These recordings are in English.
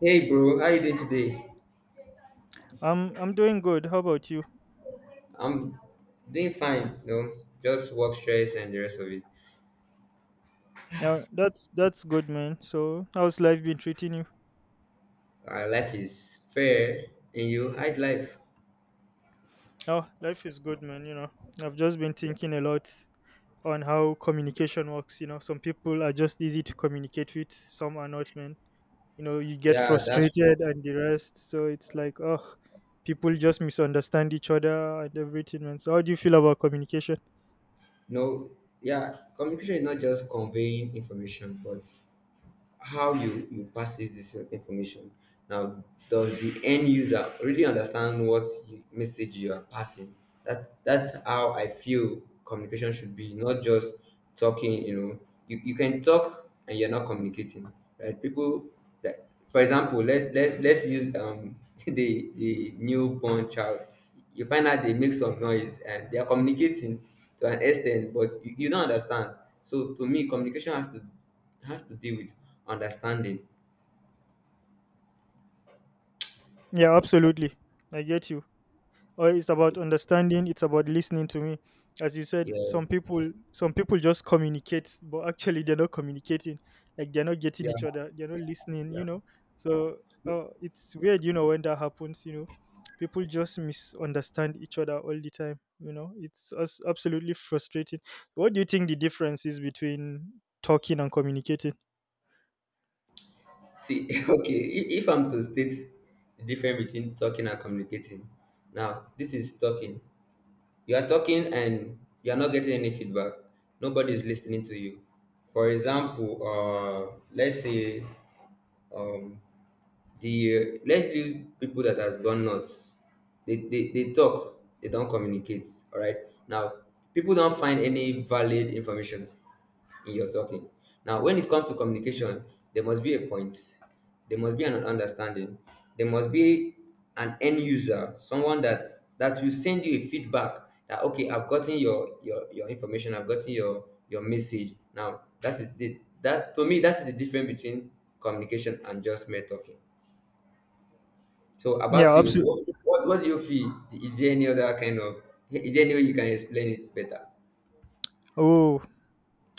Hey bro, how you doing today? I'm doing good. How about you? I'm doing fine, no, just work stress and the rest of it. Yeah, that's good, man. So how's life been treating you? Life is fair, and you, how's life? Oh, life is good, man. You know, I've just been thinking a lot on how communication works. You know, some people are just easy to communicate with, some are not, man. You know, you get Yeah, that's true. frustrated and the rest. So it's like, oh, people just misunderstand each other and everything, man. So how do you feel about communication? No, yeah, communication is not just conveying information, but how you passes this information. Now, does the end user really understand what message you are passing? That's how I feel communication should be, not just talking. You can talk and you're not communicating, right, people? That, for example, let's use the newborn child. You find out they make some noise and they are communicating to an extent, but you don't understand. So to me, communication has to it has to do with understanding. Yeah, absolutely. I get you. Or it's about understanding, it's about listening to me. As you said, some Yes. people some people just communicate, but actually they're not communicating, like they're not getting Yeah. each other, they're not listening, you Yeah. know. So it's weird, you know, when that happens, you know, people just misunderstand each other all the time, you know, it's us absolutely frustrating. What do you think the difference is between talking and communicating? See, okay, if I'm to state the difference between talking and communicating, now this is talking. You are talking and you are not getting any feedback. Nobody is listening to you. For example, let's say um, the let's use people that has gone nuts. They talk, they don't communicate. All right. Now, people don't find any valid information. In your talking. Now, when it comes to communication, there must be a point, there must be an understanding, there must be an end user, someone that will send you a feedback that okay, I've gotten your information, I've gotten your message. Now, that, to me, that is the difference between communication and just mere talking. So Yeah, about you, absolutely. what do you feel? Is there any way you can explain it better? Oh,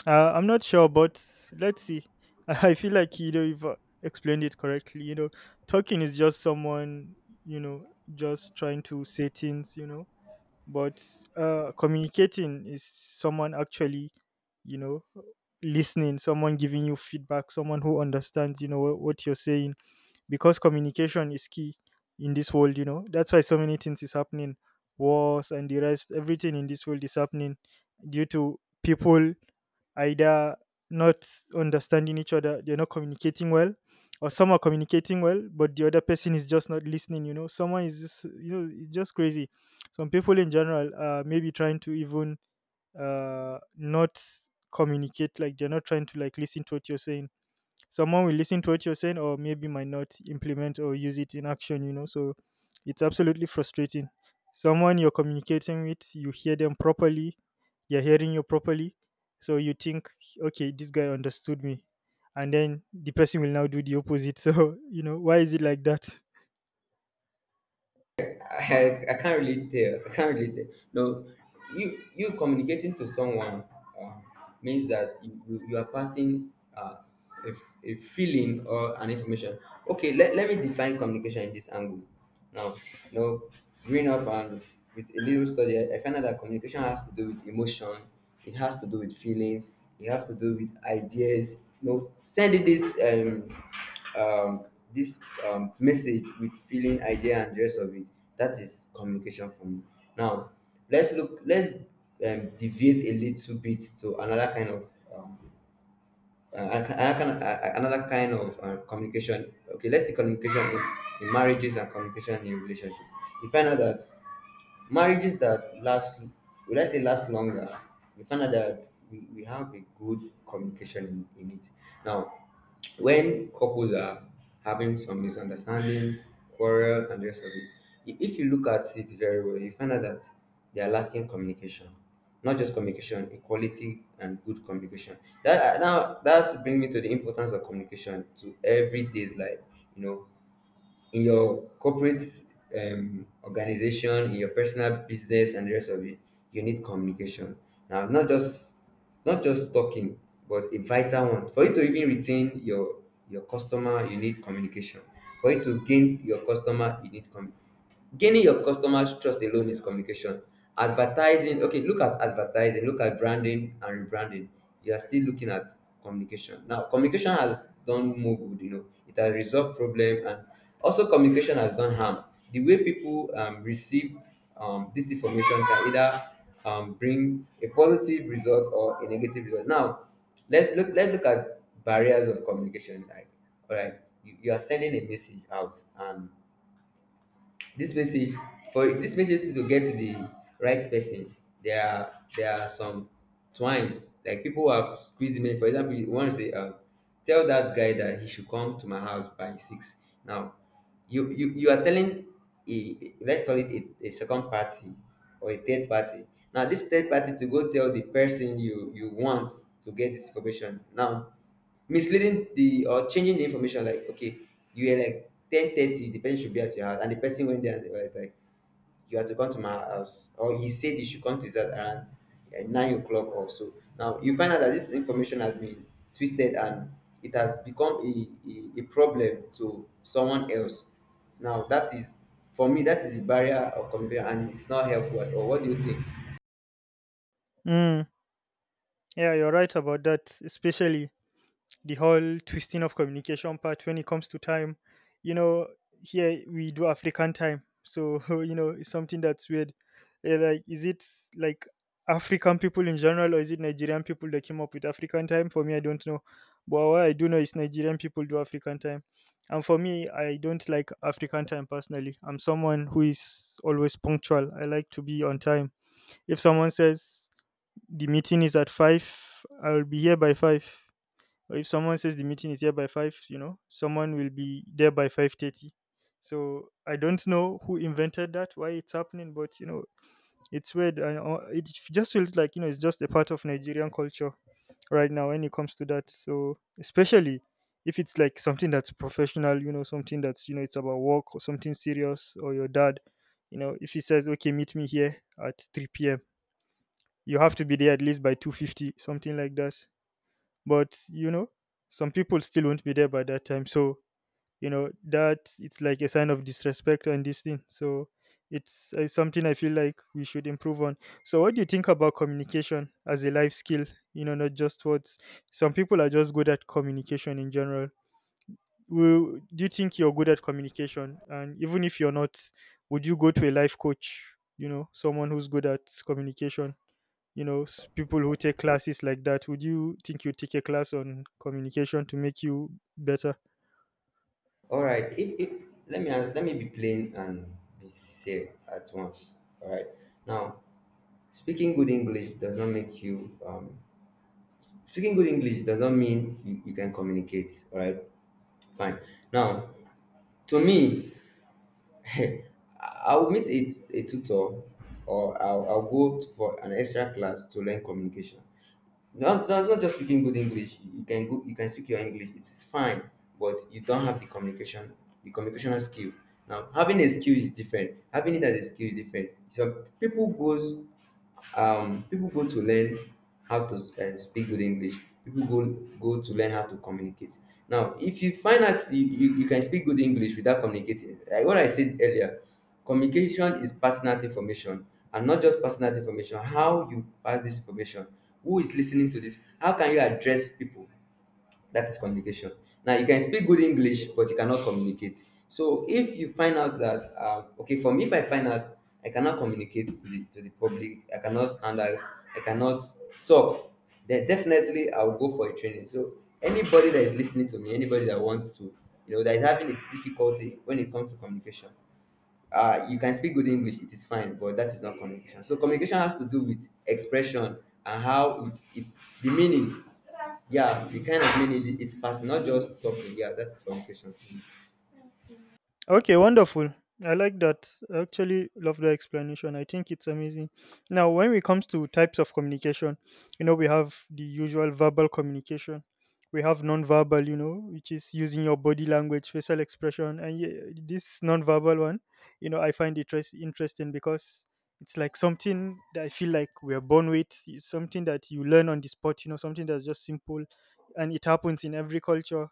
I'm not sure, but let's see. I feel like, you know, you've explained it correctly. You know, talking is just someone, you know, just trying to say things. You know, but communicating is someone actually, you know, listening, someone giving you feedback, someone who understands, you know, what you're saying. Because communication is key in this world. You know, that's why so many things is happening, wars and the rest. Everything in this world is happening due to people either not understanding each other, they're not communicating well, or some are communicating well, but the other person is just not listening. You know, someone is just, you know, it's just crazy. Some people in general are maybe trying to even not communicate, like they're not trying to like listen to what you're saying. Someone will listen to what you're saying, or maybe might not implement or use it in action, you know. So it's absolutely frustrating. Someone you're communicating with, you hear them properly, they're hearing you properly, so you think, okay, this guy understood me, and then the person will now do the opposite. So, you know, why is it like that? I can't really tell. I can't really tell. No, you communicating to someone um, means that you are passing uh, a feeling or an information. Okay, let me define communication in this angle. Now, you know, growing up and with a little study, I found out that communication has to do with emotion. It has to do with feelings, you have to do with ideas, sending um um this message, with feeling, idea and the rest of it. That is communication for me. Now, let's deviate a little bit to another kind of um, another kind of, another kind of communication. Okay, let's see communication in marriages and communication in relationship. You find out that marriages that last, would I say, last longer, we find out that we have a good communication in it. Now, when couples are having some misunderstandings, quarrel and the rest of it, if you look at it very well, you find out that they are lacking communication. Not just communication, equality and good communication. That now that brings me to the importance of communication to everyday's life. you know in your corporate organization, in your personal business, and the rest of it, you need communication. Now, not just talking, but a vital one. For you to even retain your customer, you need communication. For you to gain your customer, you need communication. Gaining your customers' trust alone is communication. Advertising, okay, look at advertising, look at branding and rebranding. You are still looking at communication. Now, communication has done more good, it has resolved problem, and also communication has done harm. The way people receive this information can either bring a positive result or a negative result. Now, let's look at barriers of communication. Like, all right, you are sending a message out, and this message for this message to get to the right person, there are some twine, like people who have squeezed the message. For example, you want to say, tell that guy that he should come to my house by 6. Now, you are telling a let's call it a second party or a third party. Now, this third party to go tell the person you want to get this information. Now, misleading the or changing the information, like okay, you are like 10:30 the person should be at your house, and the person went there and they were like, you have to come to my house, or he said you should come to his house around 9 o'clock or so. Now, you find out that this information has been twisted, and it has become a problem to someone else. Now that is for me that is the barrier of communication and it's not helpful at all. What do you think? mm, yeah, you're right about that, especially the whole twisting of communication part when it comes to time. You know, here we do African time, so you know, it's something that's weird. Like, is it like African people in general, or is it Nigerian people that came up with African time? For me, I don't know. But what I do know is Nigerian people do African time, and for me, I don't like African time personally. I'm someone who is always punctual. I like to be on time. If someone says the meeting is at 5, I'll be here by 5. Or if someone says the meeting is here by 5, you know, someone will be there by 5:30. So I don't know who invented that, why it's happening, but you know, it's weird. And it just feels like, you know, it's just a part of Nigerian culture right now when it comes to that. So especially if it's like something that's professional, you know, something that's, you know, it's about work or something serious, or your dad, you know, if he says okay, meet me here at 3 p.m, you have to be there at least by 2:50, something like that. But you know, some people still won't be there by that time. So you know, that it's like a sign of disrespect and this thing. So it's something I feel like we should improve on. So what do you think about communication as a life skill? You know, not just words. Some people are just good at communication in general. Do you think you're good at communication? And even if you're not, would you go to a life coach, you know, someone who's good at communication, you know, people who take classes like that? Would you think you take a class on communication to make you better? All right. If let me be plain and be sincere at once. All right. Now, speaking good English does not make you um, speaking good English does not mean you can communicate. All right. Fine. Now, to me, I will meet a tutor, or I'll go for an extra class to learn communication. Not just speaking good English. You can speak your English, it's fine, but you don't have the communicational skill. Now, having a skill is different, having it as a skill is different. So people go to learn how to speak good English. People go to learn how to communicate. Now, if you find out you can speak good English without communicating, like what I said earlier, communication is personal information, and not just personal information, how you pass this information, who is listening to this, how can you address people, that is communication. Now, you can speak good English, but you cannot communicate. So if you find out that okay, for me, if I find out I cannot communicate to the public, I cannot stand out, I cannot talk, then definitely I'll go for a training. So anybody that is listening to me, anybody that wants to, that is having a difficulty when it comes to communication, you can speak good English, it is fine, but that is not communication. So communication has to do with expression, and how it's the meaning. Yeah, the kind of meaning it's passing, not just talking. Yeah, that is communication. Okay, wonderful. I like that. I actually love the explanation. I think it's amazing. Now, when it comes to types of communication, you know, we have the usual verbal communication. We have non-verbal, you know, which is using your body language, facial expression, and this non-verbal one, you know, I find it interesting because it's like something that I feel like we are born with. It's something that you learn on the spot, you know, something that's just simple, and it happens in every culture,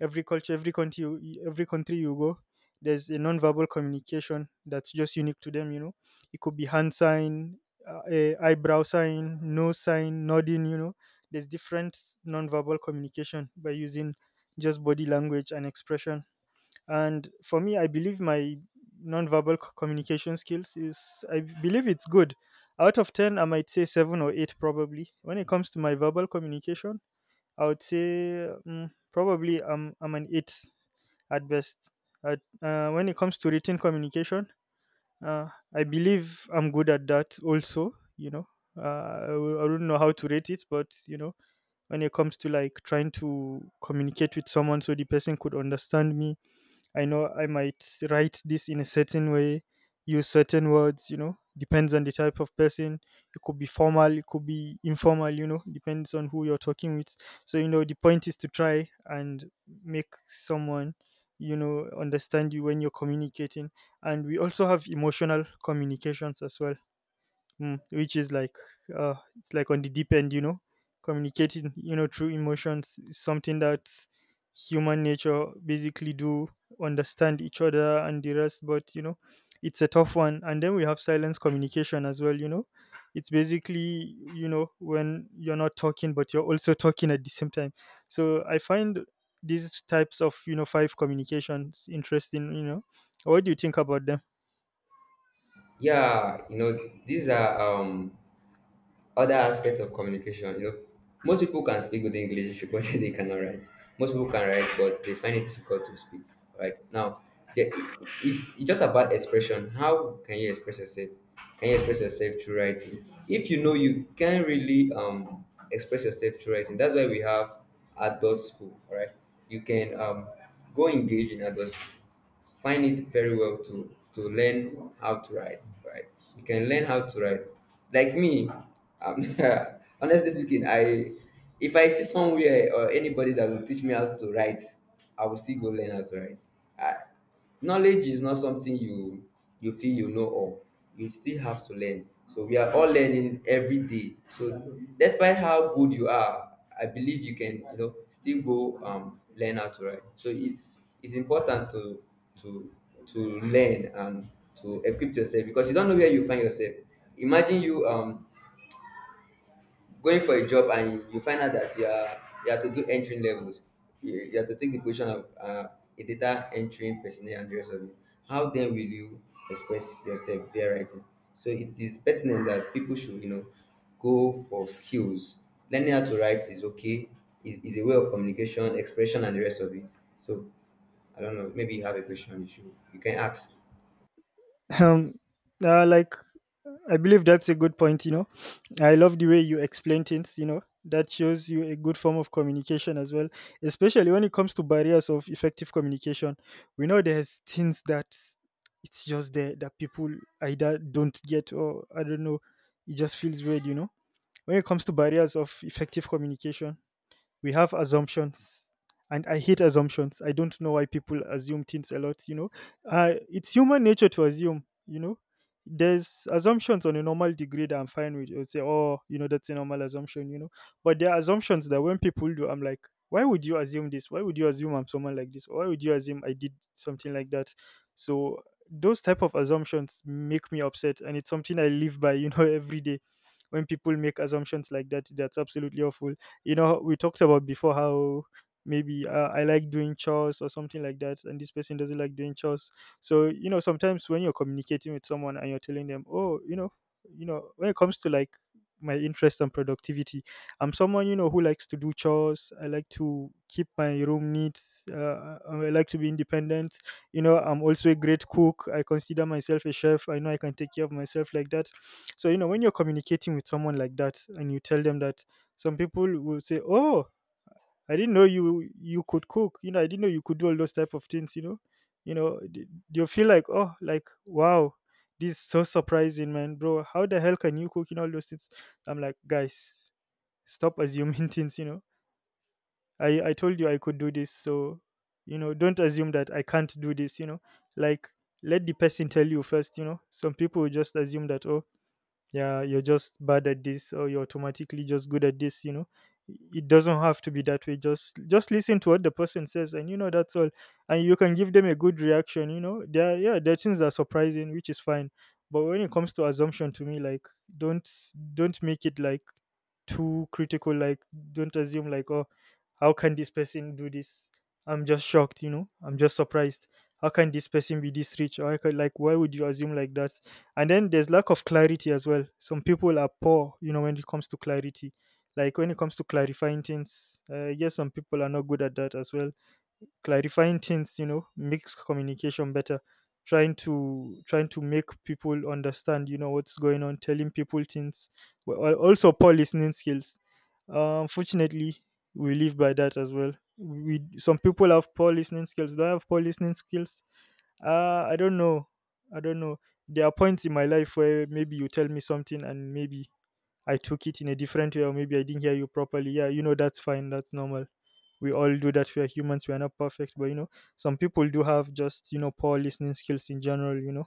every culture, every country, every country you go, there's a nonverbal communication that's just unique to them, you know. It could be hand sign, eyebrow sign, nose sign, nodding, you know. There's different nonverbal communication by using just body language and expression. And for me, I believe my nonverbal communication skills is, I believe it's good. Out of 10, I might say 7 or 8 probably. When it comes to my verbal communication, I would say probably I'm an 8 at best. When it comes to written communication, uh, I believe I'm good at that also, you know. I don't know how to rate it, but you know, when it comes to like trying to communicate with someone so the person could understand me, I know I might write this in a certain way, use certain words, you know, depends on the type of person. It could be formal, it could be informal, you know, depends on who you're talking with. So, you know, the point is to try and make someone, you know, understand you when you're communicating. And we also have emotional communications as well, which is like it's like on the deep end, you know. Communicating, you know, through emotions is something that human nature basically do, understand each other and the rest, but you know, it's a tough one. And then we have silence communication as well, you know, it's basically, you know, when you're not talking but you're also talking at the same time. So I find these types of, you know, five communications interesting, you know. What do you think about them? Yeah, you know, these are other aspect of communication, most people can speak good English but they cannot write. Most people can write, but they find it difficult to speak. Right now, the, it's just about expression. How can you express yourself? Can you express yourself through writing? If you know you can't really express yourself through writing, that's why we have adult school. All right, you can go engage in adult school, find it very well to learn how to ride. Right, you can learn how to ride like me, um, honestly speaking, I if I see somewhere or anybody that will teach me how to ride, I will still go learn how to ride. I, Knowledge is not something you feel you know all, you still have to learn. So we are all learning every day. So despite how good you are, I believe you can, still go learn how to write. So it's important to to learn and to equip yourself, because you don't know where you find yourself. Imagine you, going for a job and you find out that you have to do entry levels, you have to take the position of a data entry personnel and the rest of it. How then will you express yourself via writing? So it is pertinent that people should, go for skills. Learning how to write is okay, is a way of communication, expression and the rest of it. So I don't know, maybe you have a question, you can ask. um like I believe that's a good point, you know. I love the way you explain things, you know. That shows you a good form of communication as well, especially when it comes to barriers of effective communication. We know there's things that it's just there that people either don't get, or I don't know, it just feels weird, you know. When it comes to barriers of effective communication, we have assumptions. And I hate assumptions. I don't know why people assume things a lot, you know. It's human nature to assume, you know. There's assumptions on a normal degree that I'm fine with. I'd say oh, you know, that's a normal assumption, you know. But there are assumptions that when people do, I'm like, why would you assume this? Why would you assume I'm someone like this? Why would you assume I did something like that? So those type of assumptions make me upset, and it's something I live by, you know. Every day when people make assumptions like that, that's absolutely awful. You know, we talked about before how maybe I like doing chores or something like that, and this person doesn't like doing chores. So you know, sometimes when you're communicating with someone and you're telling them oh you know, you know, when it comes to like my interest and productivity, I'm someone, you know, who likes to do chores. I like to keep my room neat. I like to be independent. You know, I'm also a great cook. I consider myself a chef. I know I can take care of myself like that. So you know, when you're communicating with someone like that and you tell them that, some people will say, "Oh, I didn't know you could cook. You know, I didn't know you could do all those type of things." You know, you'll feel like, "Oh, like wow, this is so surprising, man, bro. How the hell can you cook in all those things?" I'm like, guys, stop assuming things. You know, I told you I could do this, so you know, don't assume that I can't do this. You know, like let the person tell you first. You know, some people will just assume that, "Oh." Yeah, you're just bad at this, or you're automatically just good at this. It doesn't have to be that way. Just listen to what the person says, and that's all. And you can give them a good reaction. Yeah, there are things that are surprising, which is fine. But when it comes to assumption, to me, like, don't don't make it like too critical. Like, don't assume, like, "Oh, how can this person do this? I'm just shocked." I'm just surprised. How can this person be this rich? Or I could, like, why would you assume like that? And then there's lack of clarity as well. Some people are poor, when it comes to clarity, like when it comes to clarifying things. Yes, some people are not good at that as well. Clarifying things, makes communication better. Trying to make people understand, what's going on, telling people things. Well, also poor listening skills, unfortunately. We live by that as well. We Some people have poor listening skills. Do I have poor listening skills? I don't know. I don't know. There are points in my life where maybe you tell me something, and maybe I took it in a different way, or maybe I didn't hear you properly. Yeah, that's fine. That's normal. We all do that. We are humans. We are not perfect. But, some people do have just, poor listening skills in general,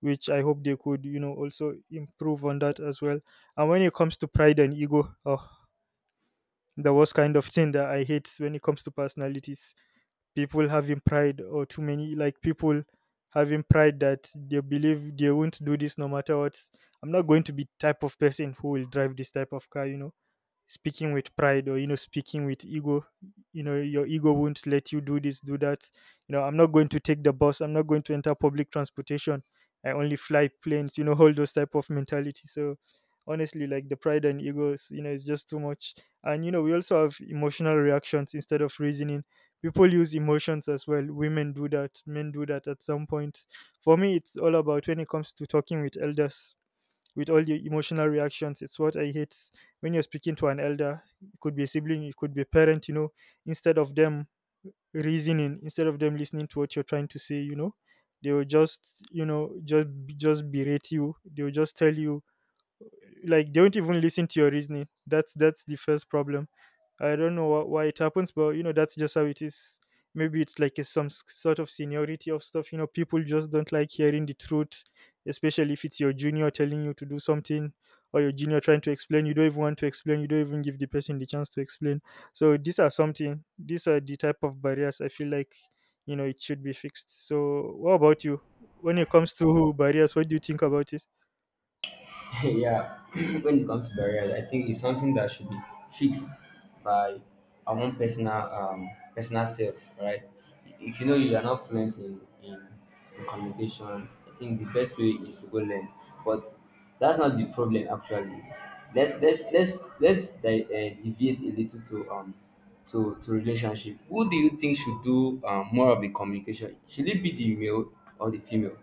which I hope they could, also improve on that as well. And when it comes to pride and ego, oh, the worst kind of thing that I hate when it comes to personalities: people having pride, or too many, like, people having pride that they believe they won't do this no matter what. I'm not going to be type of person who will drive this type of car, speaking with pride, or speaking with ego. Your ego won't let you do this, do that. I'm not going to take the bus, I'm not going to enter public transportation, I only fly planes, all those type of mentality. So honestly, like, the pride and ego is, it's just too much. And we also have emotional reactions instead of reasoning. People use emotions as well. Women do that, men do that at some point. For me, it's all about when it comes to talking with elders, with all the emotional reactions. It's what I hate when you're speaking to an elder. It could be a sibling, it could be a parent, instead of them reasoning, instead of them listening to what you're trying to say, they will just, just berate you. They will just tell you, like, they won't even listen to your reasoning. That's the first problem. I don't know why it happens, but that's just how it is. Maybe it's like a, some sort of seniority of stuff. People just don't like hearing the truth, especially if it's your junior telling you to do something, or your junior trying to explain. You don't even want to explain, you don't even give the person the chance to explain. So these are something, these are the type of barriers I feel like, it should be fixed. So what about you? When it comes to barriers, what do you think about it? Yeah. When it comes to barriers, I think it's something that should be fixed by our own personal, personal self, right? If you know you are not fluent in communication, I think the best way is to go learn. But that's not the problem actually. Let's deviate a little to to relationship. Who do you think should do more of the communication? Should it be the male or the female?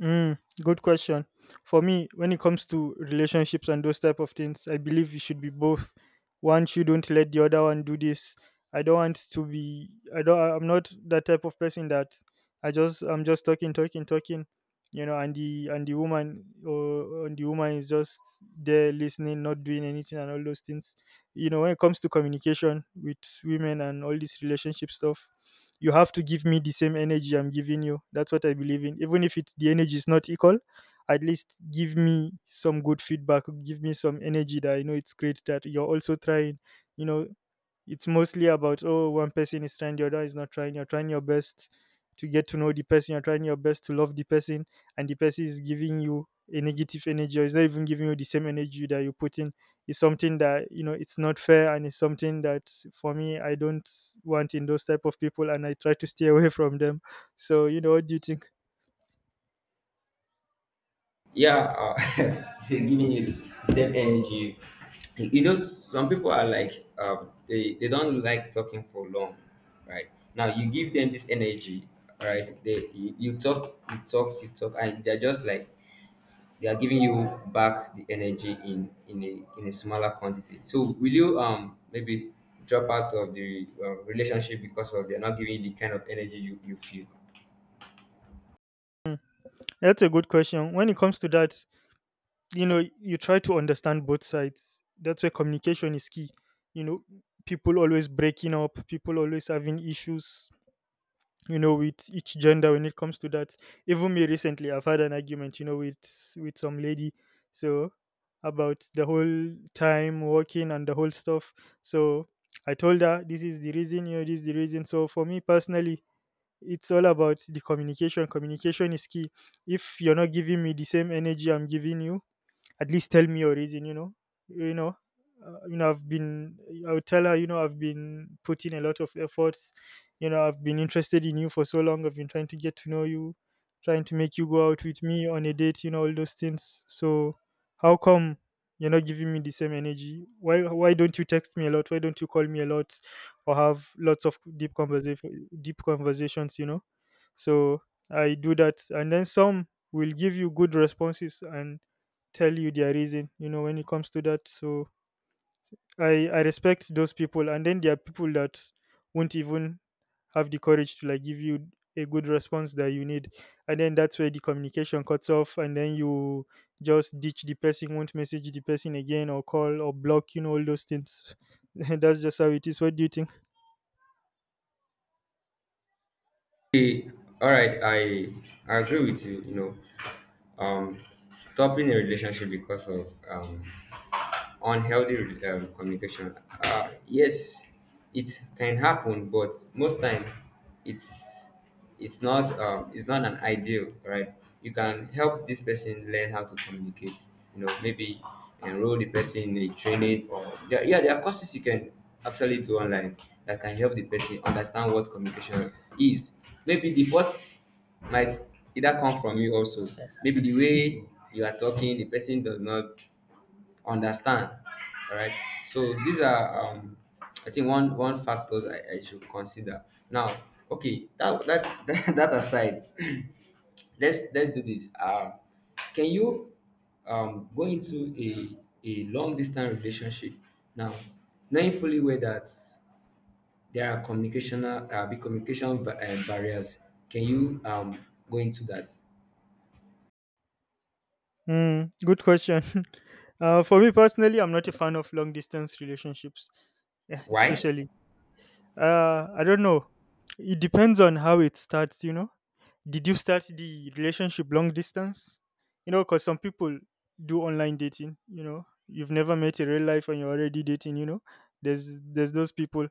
Mm, good question. For me, when it comes to relationships and those type of things, I believe it should be both. One shouldn't let the other one do this. I don't want to be. I don't. I'm not that type of person that I just. I'm just talking, talking, talking. And the woman is just there listening, not doing anything, and all those things. When it comes to communication with women and all this relationship stuff, you have to give me the same energy I'm giving you. That's what I believe in. Even if it's the energy is not equal, at least give me some good feedback. Give me some energy that I know it's great that you're also trying. You know, it's mostly about, oh, one person is trying, the other is not trying. You're trying your best to get to know the person, you're trying your best to love the person, and the person is giving you a negative energy, or is not even giving you the same energy that you put in. It's something that, it's not fair, and it's something that for me I don't want in those type of people, and I try to stay away from them. So what do you think? Yeah, they're giving you the same energy. You know, some people are like, they don't like talking for long, right? Now, you give them this energy, right? They You talk, you talk, you talk, and they're just like, they are giving you back the energy in a smaller quantity. So will you maybe drop out of the relationship because of they're not giving you the kind of energy you feel? That's a good question. When it comes to that, you try to understand both sides. That's where communication is key. you know People always breaking up, people always having issues, with each gender when it comes to that. Even me recently, I've had an argument, with some lady. So about the whole time working and the whole stuff. So I told her this is the reason, this is the reason. So for me personally, it's all about the communication. Communication is key. If you're not giving me the same energy I'm giving you, at least tell me your reason, you know you know you know I've been I would tell her, I've been putting a lot of efforts, I've been interested in you for so long. I've been trying to get to know you, trying to make you go out with me on a date, all those things. So how come you're not giving me the same energy? Why don't you text me a lot? Why don't you call me a lot, or have lots of deep conversation, deep conversations? So I do that. And then some will give you good responses and tell you their reason, when it comes to that. So I respect those people. And then there are people that won't even have the courage to, like, give you a good response that you need. And then that's where the communication cuts off. And then you just ditch the person, won't message the person again, or call, or block, all those things. That's just how it is. What do you think? Okay, all right, I agree with you. You know, um stopping a relationship because of on healthy communication. Yes, it can happen, but most time it's it's not an ideal, right? You can help this person learn how to communicate. You know, maybe enroll the person in a training or there, yeah, there are courses you can actually do online that can help the person understand what communication is. Maybe the first might either come from you also. Maybe the way you are talking, the person does not understand. All right, so these are I think one factors I should consider now. Okay, that that aside. Let's do this. Can you go into a long distance relationship now, knowing fully well that there are communicational big communication barriers? Can you go into that? Mm, good question. For me personally, I'm not a fan of long distance relationships, eh, Why? especially. I don't know. It depends on how it starts. Did you start the relationship long distance? Because some people do online dating, you know. You've never met in real life and you're already dating. There's those people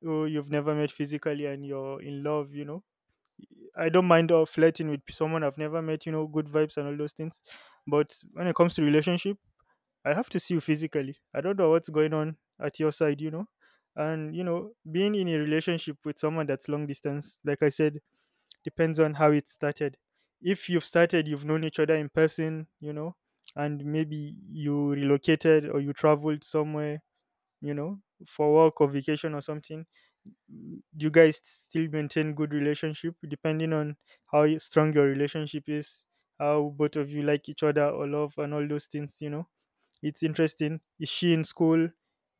who you've never met physically, and you're in love. I don't mind flirting with someone I've never met, good vibes and all those things. But when it comes to relationship, I have to see you physically. I don't know what's going on at your side. And being in a relationship with someone that's long distance, like I said, depends on how it started. If you've started, you've known each other in person, and maybe you relocated, or you traveled somewhere, you know, for work or vacation or something. You guys still maintain good relationship, depending on how strong your relationship is, how both of you like each other or love and all those things. It's interesting. Is she in school?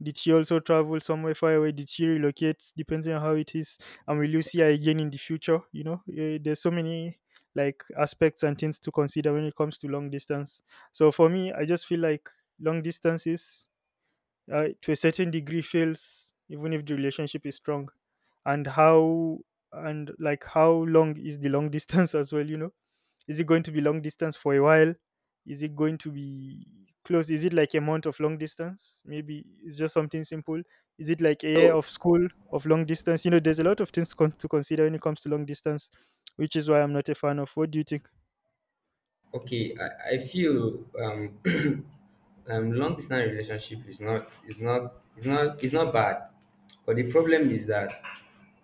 Did she also travel somewhere far away? Did she relocate? Depending on how it is. And will you see her again in the future? Eh, there's so many, like, aspects and things to consider when it comes to long distance. So for me, I just feel like long distances, to a certain degree, fails even if the relationship is strong. And how and like how long is the long distance as well? Is it going to be long distance for a while? Is it going to be close? Is it like a month of long distance? Maybe it's just something simple. Is it like a year of school of long distance? There's a lot of things to consider when it comes to long distance, which is why I'm not a fan of. What do you think? Okay, I feel long distance relationship is not is not bad, but the problem is that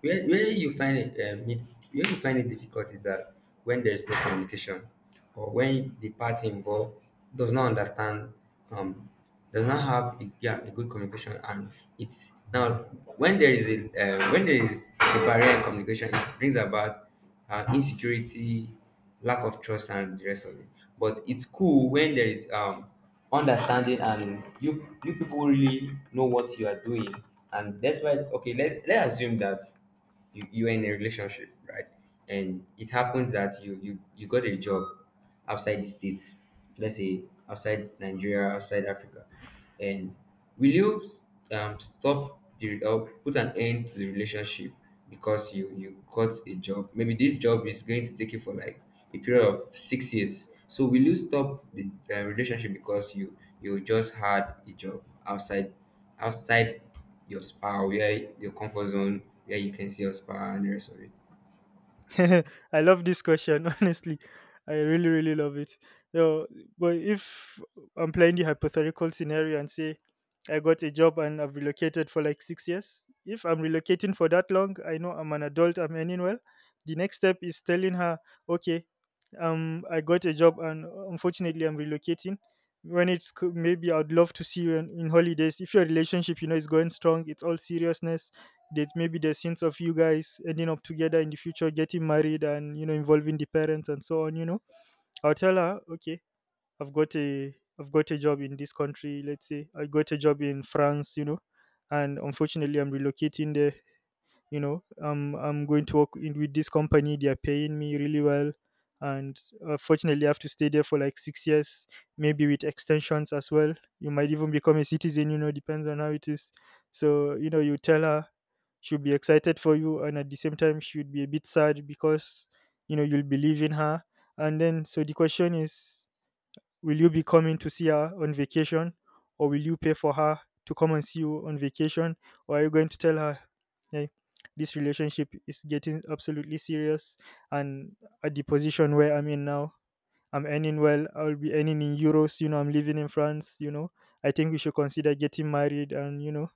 where you find it it, where you find it difficult is that when there is no communication, or when the party involved does not understand, um does not have a, yeah a good communication. And it's now, when there is a when there is a barrier in communication, it brings about insecurity, lack of trust, and the rest of it. But it's cool when there is understanding and you people really know what you are doing. And that's why, okay, let's assume that you are in a relationship, right? And it happens that you got a job outside the states, let's say outside Nigeria, outside Africa, and will you stop the or put an end to the relationship because you got a job? Maybe this job is going to take you for like a period of 6 years. So will you stop the relationship because you just had a job outside outside your spa, where your comfort zone, where you can see your spa and the rest of it? I love this question, honestly. I really, really love it. So, but if I'm playing the hypothetical scenario and say I got a job and I've relocated for like 6 years, if I'm relocating for that long, I know I'm an adult, I'm earning well. The next step is telling her, okay, I got a job, and unfortunately I'm relocating. When it's maybe I'd love to see you in holidays. If your relationship, is going strong, it's all seriousness, there's maybe the scenes of you guys ending up together in the future, getting married, and involving the parents and so on. You know, I'll tell her, okay, I've got a I've got a job in this country. Let's say I got a job in France. You know, and unfortunately I'm relocating there. You know, I'm going to work in with this company. They are paying me really well, and fortunately I have to stay there for like 6 years, maybe with extensions as well. You might even become a citizen, you know, depends on how it is. So you know, you tell her, she'll be excited for you, and at the same time she'll be a bit sad because, you know, you'll be leaving her. And then so the question is, will you be coming to see her on vacation, or will you pay for her to come and see you on vacation, or are you going to tell her, hey, this relationship is getting absolutely serious, and at the position where I'm in now, I'm earning well. I'll be earning in euros. You know, I'm living in France. You know, I think we should consider getting married, and you know,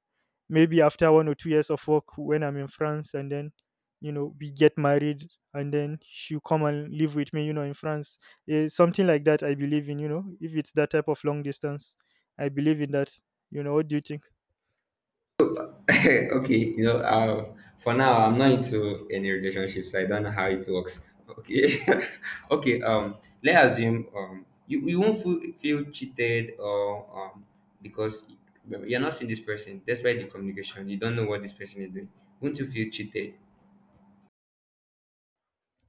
maybe after 1 or 2 years of work when I'm in France, and then you know we get married, and then she'll come and live with me, you know, in France. Eh, something like that I believe in, you know, if it's that type of long distance, I believe in that. You know, what do you think? Okay, you know, for now I'm not into any relationship, so I don't know how it works. Okay, okay. Let's assume you won't feel cheated or because you're not seeing this person despite the communication. You don't know what this person is doing. Won't you feel cheated?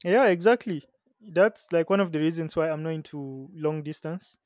Yeah, exactly. That's like one of the reasons why I'm not into long distance.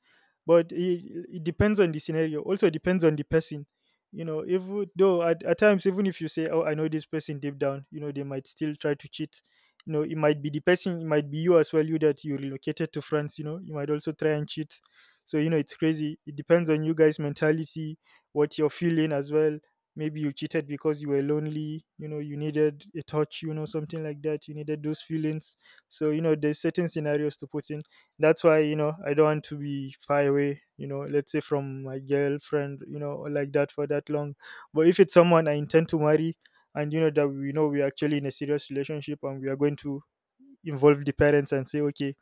But it depends on the scenario. Also depends on the person. You know, if though at times, even if you say, "Oh, I know this person deep down," you know, they might still try to cheat. You know, it might be the person, it might be you as well. You that you relocated to France. You know, you might also try and cheat. So you know, it's crazy. It depends on you guys' mentality, what you're feeling as well. Maybe you cheated because you were lonely, you know, you needed a touch, you know, something like that, you needed those feelings. So you know, there's certain scenarios to put in. That's why, you know, I don't want to be far away, you know, let's say from my girlfriend, you know, or like that for that long. But if it's someone I intend to marry, and you know that we know we're actually in a serious relationship, and we are going to involve the parents and say, okay,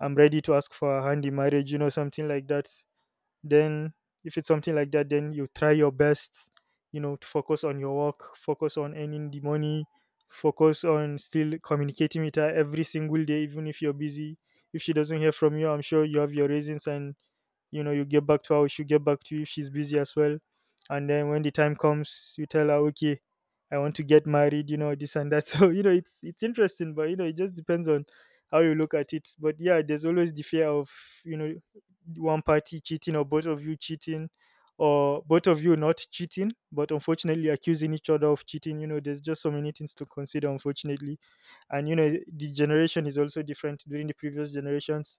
I'm ready to ask for a hand in marriage, you know, something like that. Then if it's something like that, then you try your best, you know, to focus on your work, focus on earning the money, focus on still communicating with her every single day, even if you're busy. If she doesn't hear from you, I'm sure you have your reasons, and you know, you get back to her, she get back to you if she's busy as well. And then when the time comes, you tell her, okay, I want to get married, you know, this and that. So you know, it's interesting, but you know, it just depends on how you look at it. But yeah, there's always the fear of, you know, one party cheating or both of you cheating, or both of you not cheating but unfortunately accusing each other of cheating. You know, there's just so many things to consider, unfortunately. And you know, the generation is also different. During the previous generations,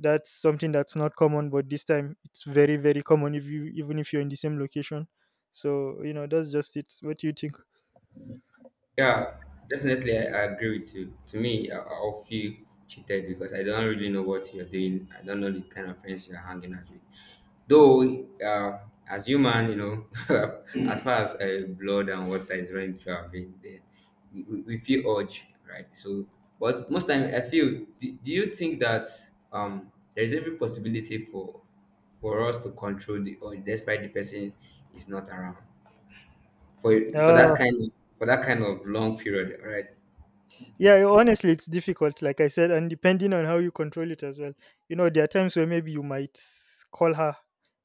that's something that's not common, but this time it's very, very common. If you, even if you're in the same location. So you know, that's just it. What do you think? Yeah, definitely, I agree with you. To me, I'll feel cheated because I don't really know what you're doing. I don't know the kind of friends you're hanging out with. Though, as human, you know, as far as blood and water is running through our veins, then we feel urge, right? So, but most time, I feel. Do you think that there is every possibility for us to control the urge, despite the person is not around? For that uh kind of for that kind of long period, right? Yeah, honestly, it's difficult, like I said, and depending on how you control it as well. You know, there are times where maybe you might call her.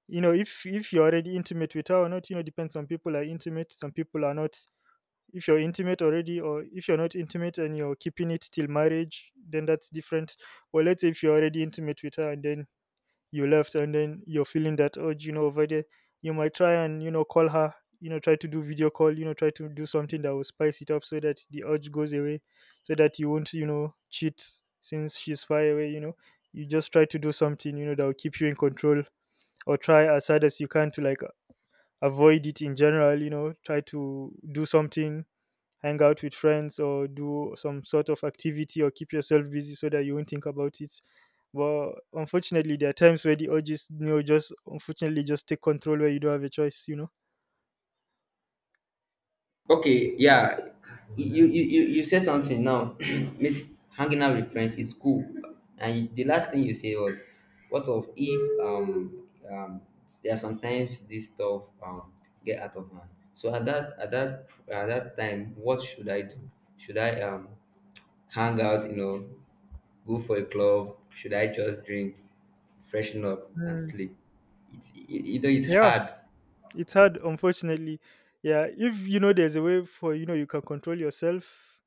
You know, if you're already intimate with her or not, you know, depends. Some people are intimate, some people are not. If you're intimate already, or if you're not intimate and you're keeping it till marriage, then that's different. Or let's say if you're already intimate with her, and then you left, and then you're feeling that urge, you know, over there, you might try and, you know, call her. You know, try to do video call, you know, try to do something that will spice it up so that the urge goes away, so that you won't, you know, cheat, since she's far away, you know. You just try to do something, you know, that will keep you in control, or try as hard as you can to like avoid it in general. You know, try to do something, hang out with friends or do some sort of activity or keep yourself busy so that you won't think about it. But unfortunately, there are times where the urges, you know, just unfortunately just take control where you don't have a choice, you know. Okay, yeah. You said something now. Meet hanging out with friends is cool, and the last thing you said was, "What of if there are sometimes this stuff get out of hand." So at that at that time, what should I do? Should I hang out? You know, go for a club? Should I just drink, freshen up, and Mm. sleep? It's it, you know it's Yeah, hard. it's hard, unfortunately. Yeah, if you know there's a way for, you know, you can control yourself,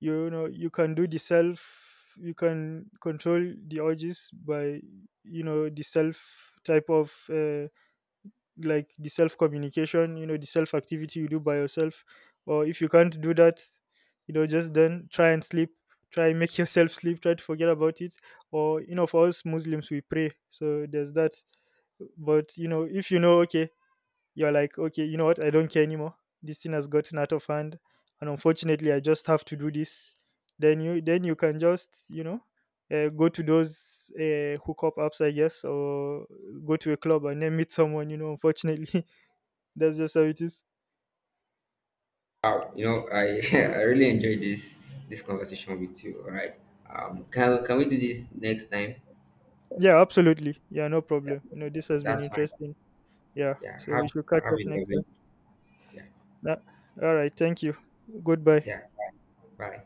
you know, you can do the self, you can control the urges by, you know, the self type of like the self communication, you know, the self activity you do by yourself. Or if you can't do that, you know, just then try and sleep, try and make yourself sleep, try to forget about it. Or you know, for us Muslims we pray, so there's that. But you know, if you know, okay, you're like, okay, you know what? I don't care anymore. This thing has gotten out of hand, and unfortunately, I just have to do this. Then you can just, you know, go to those hookup apps, I guess, or go to a club and then meet someone. You know, unfortunately, that's just how it is. Wow, you know, I I really enjoyed this this conversation with you. All right, can we do this next time? Yeah, absolutely. Yeah, no Yeah, problem. You know, this has been that's fine. interesting. Yeah, Yeah, so we should catch have up a next lovely. time. Yeah, Yeah. All right. Thank you. Goodbye. yeah. Bye. Bye.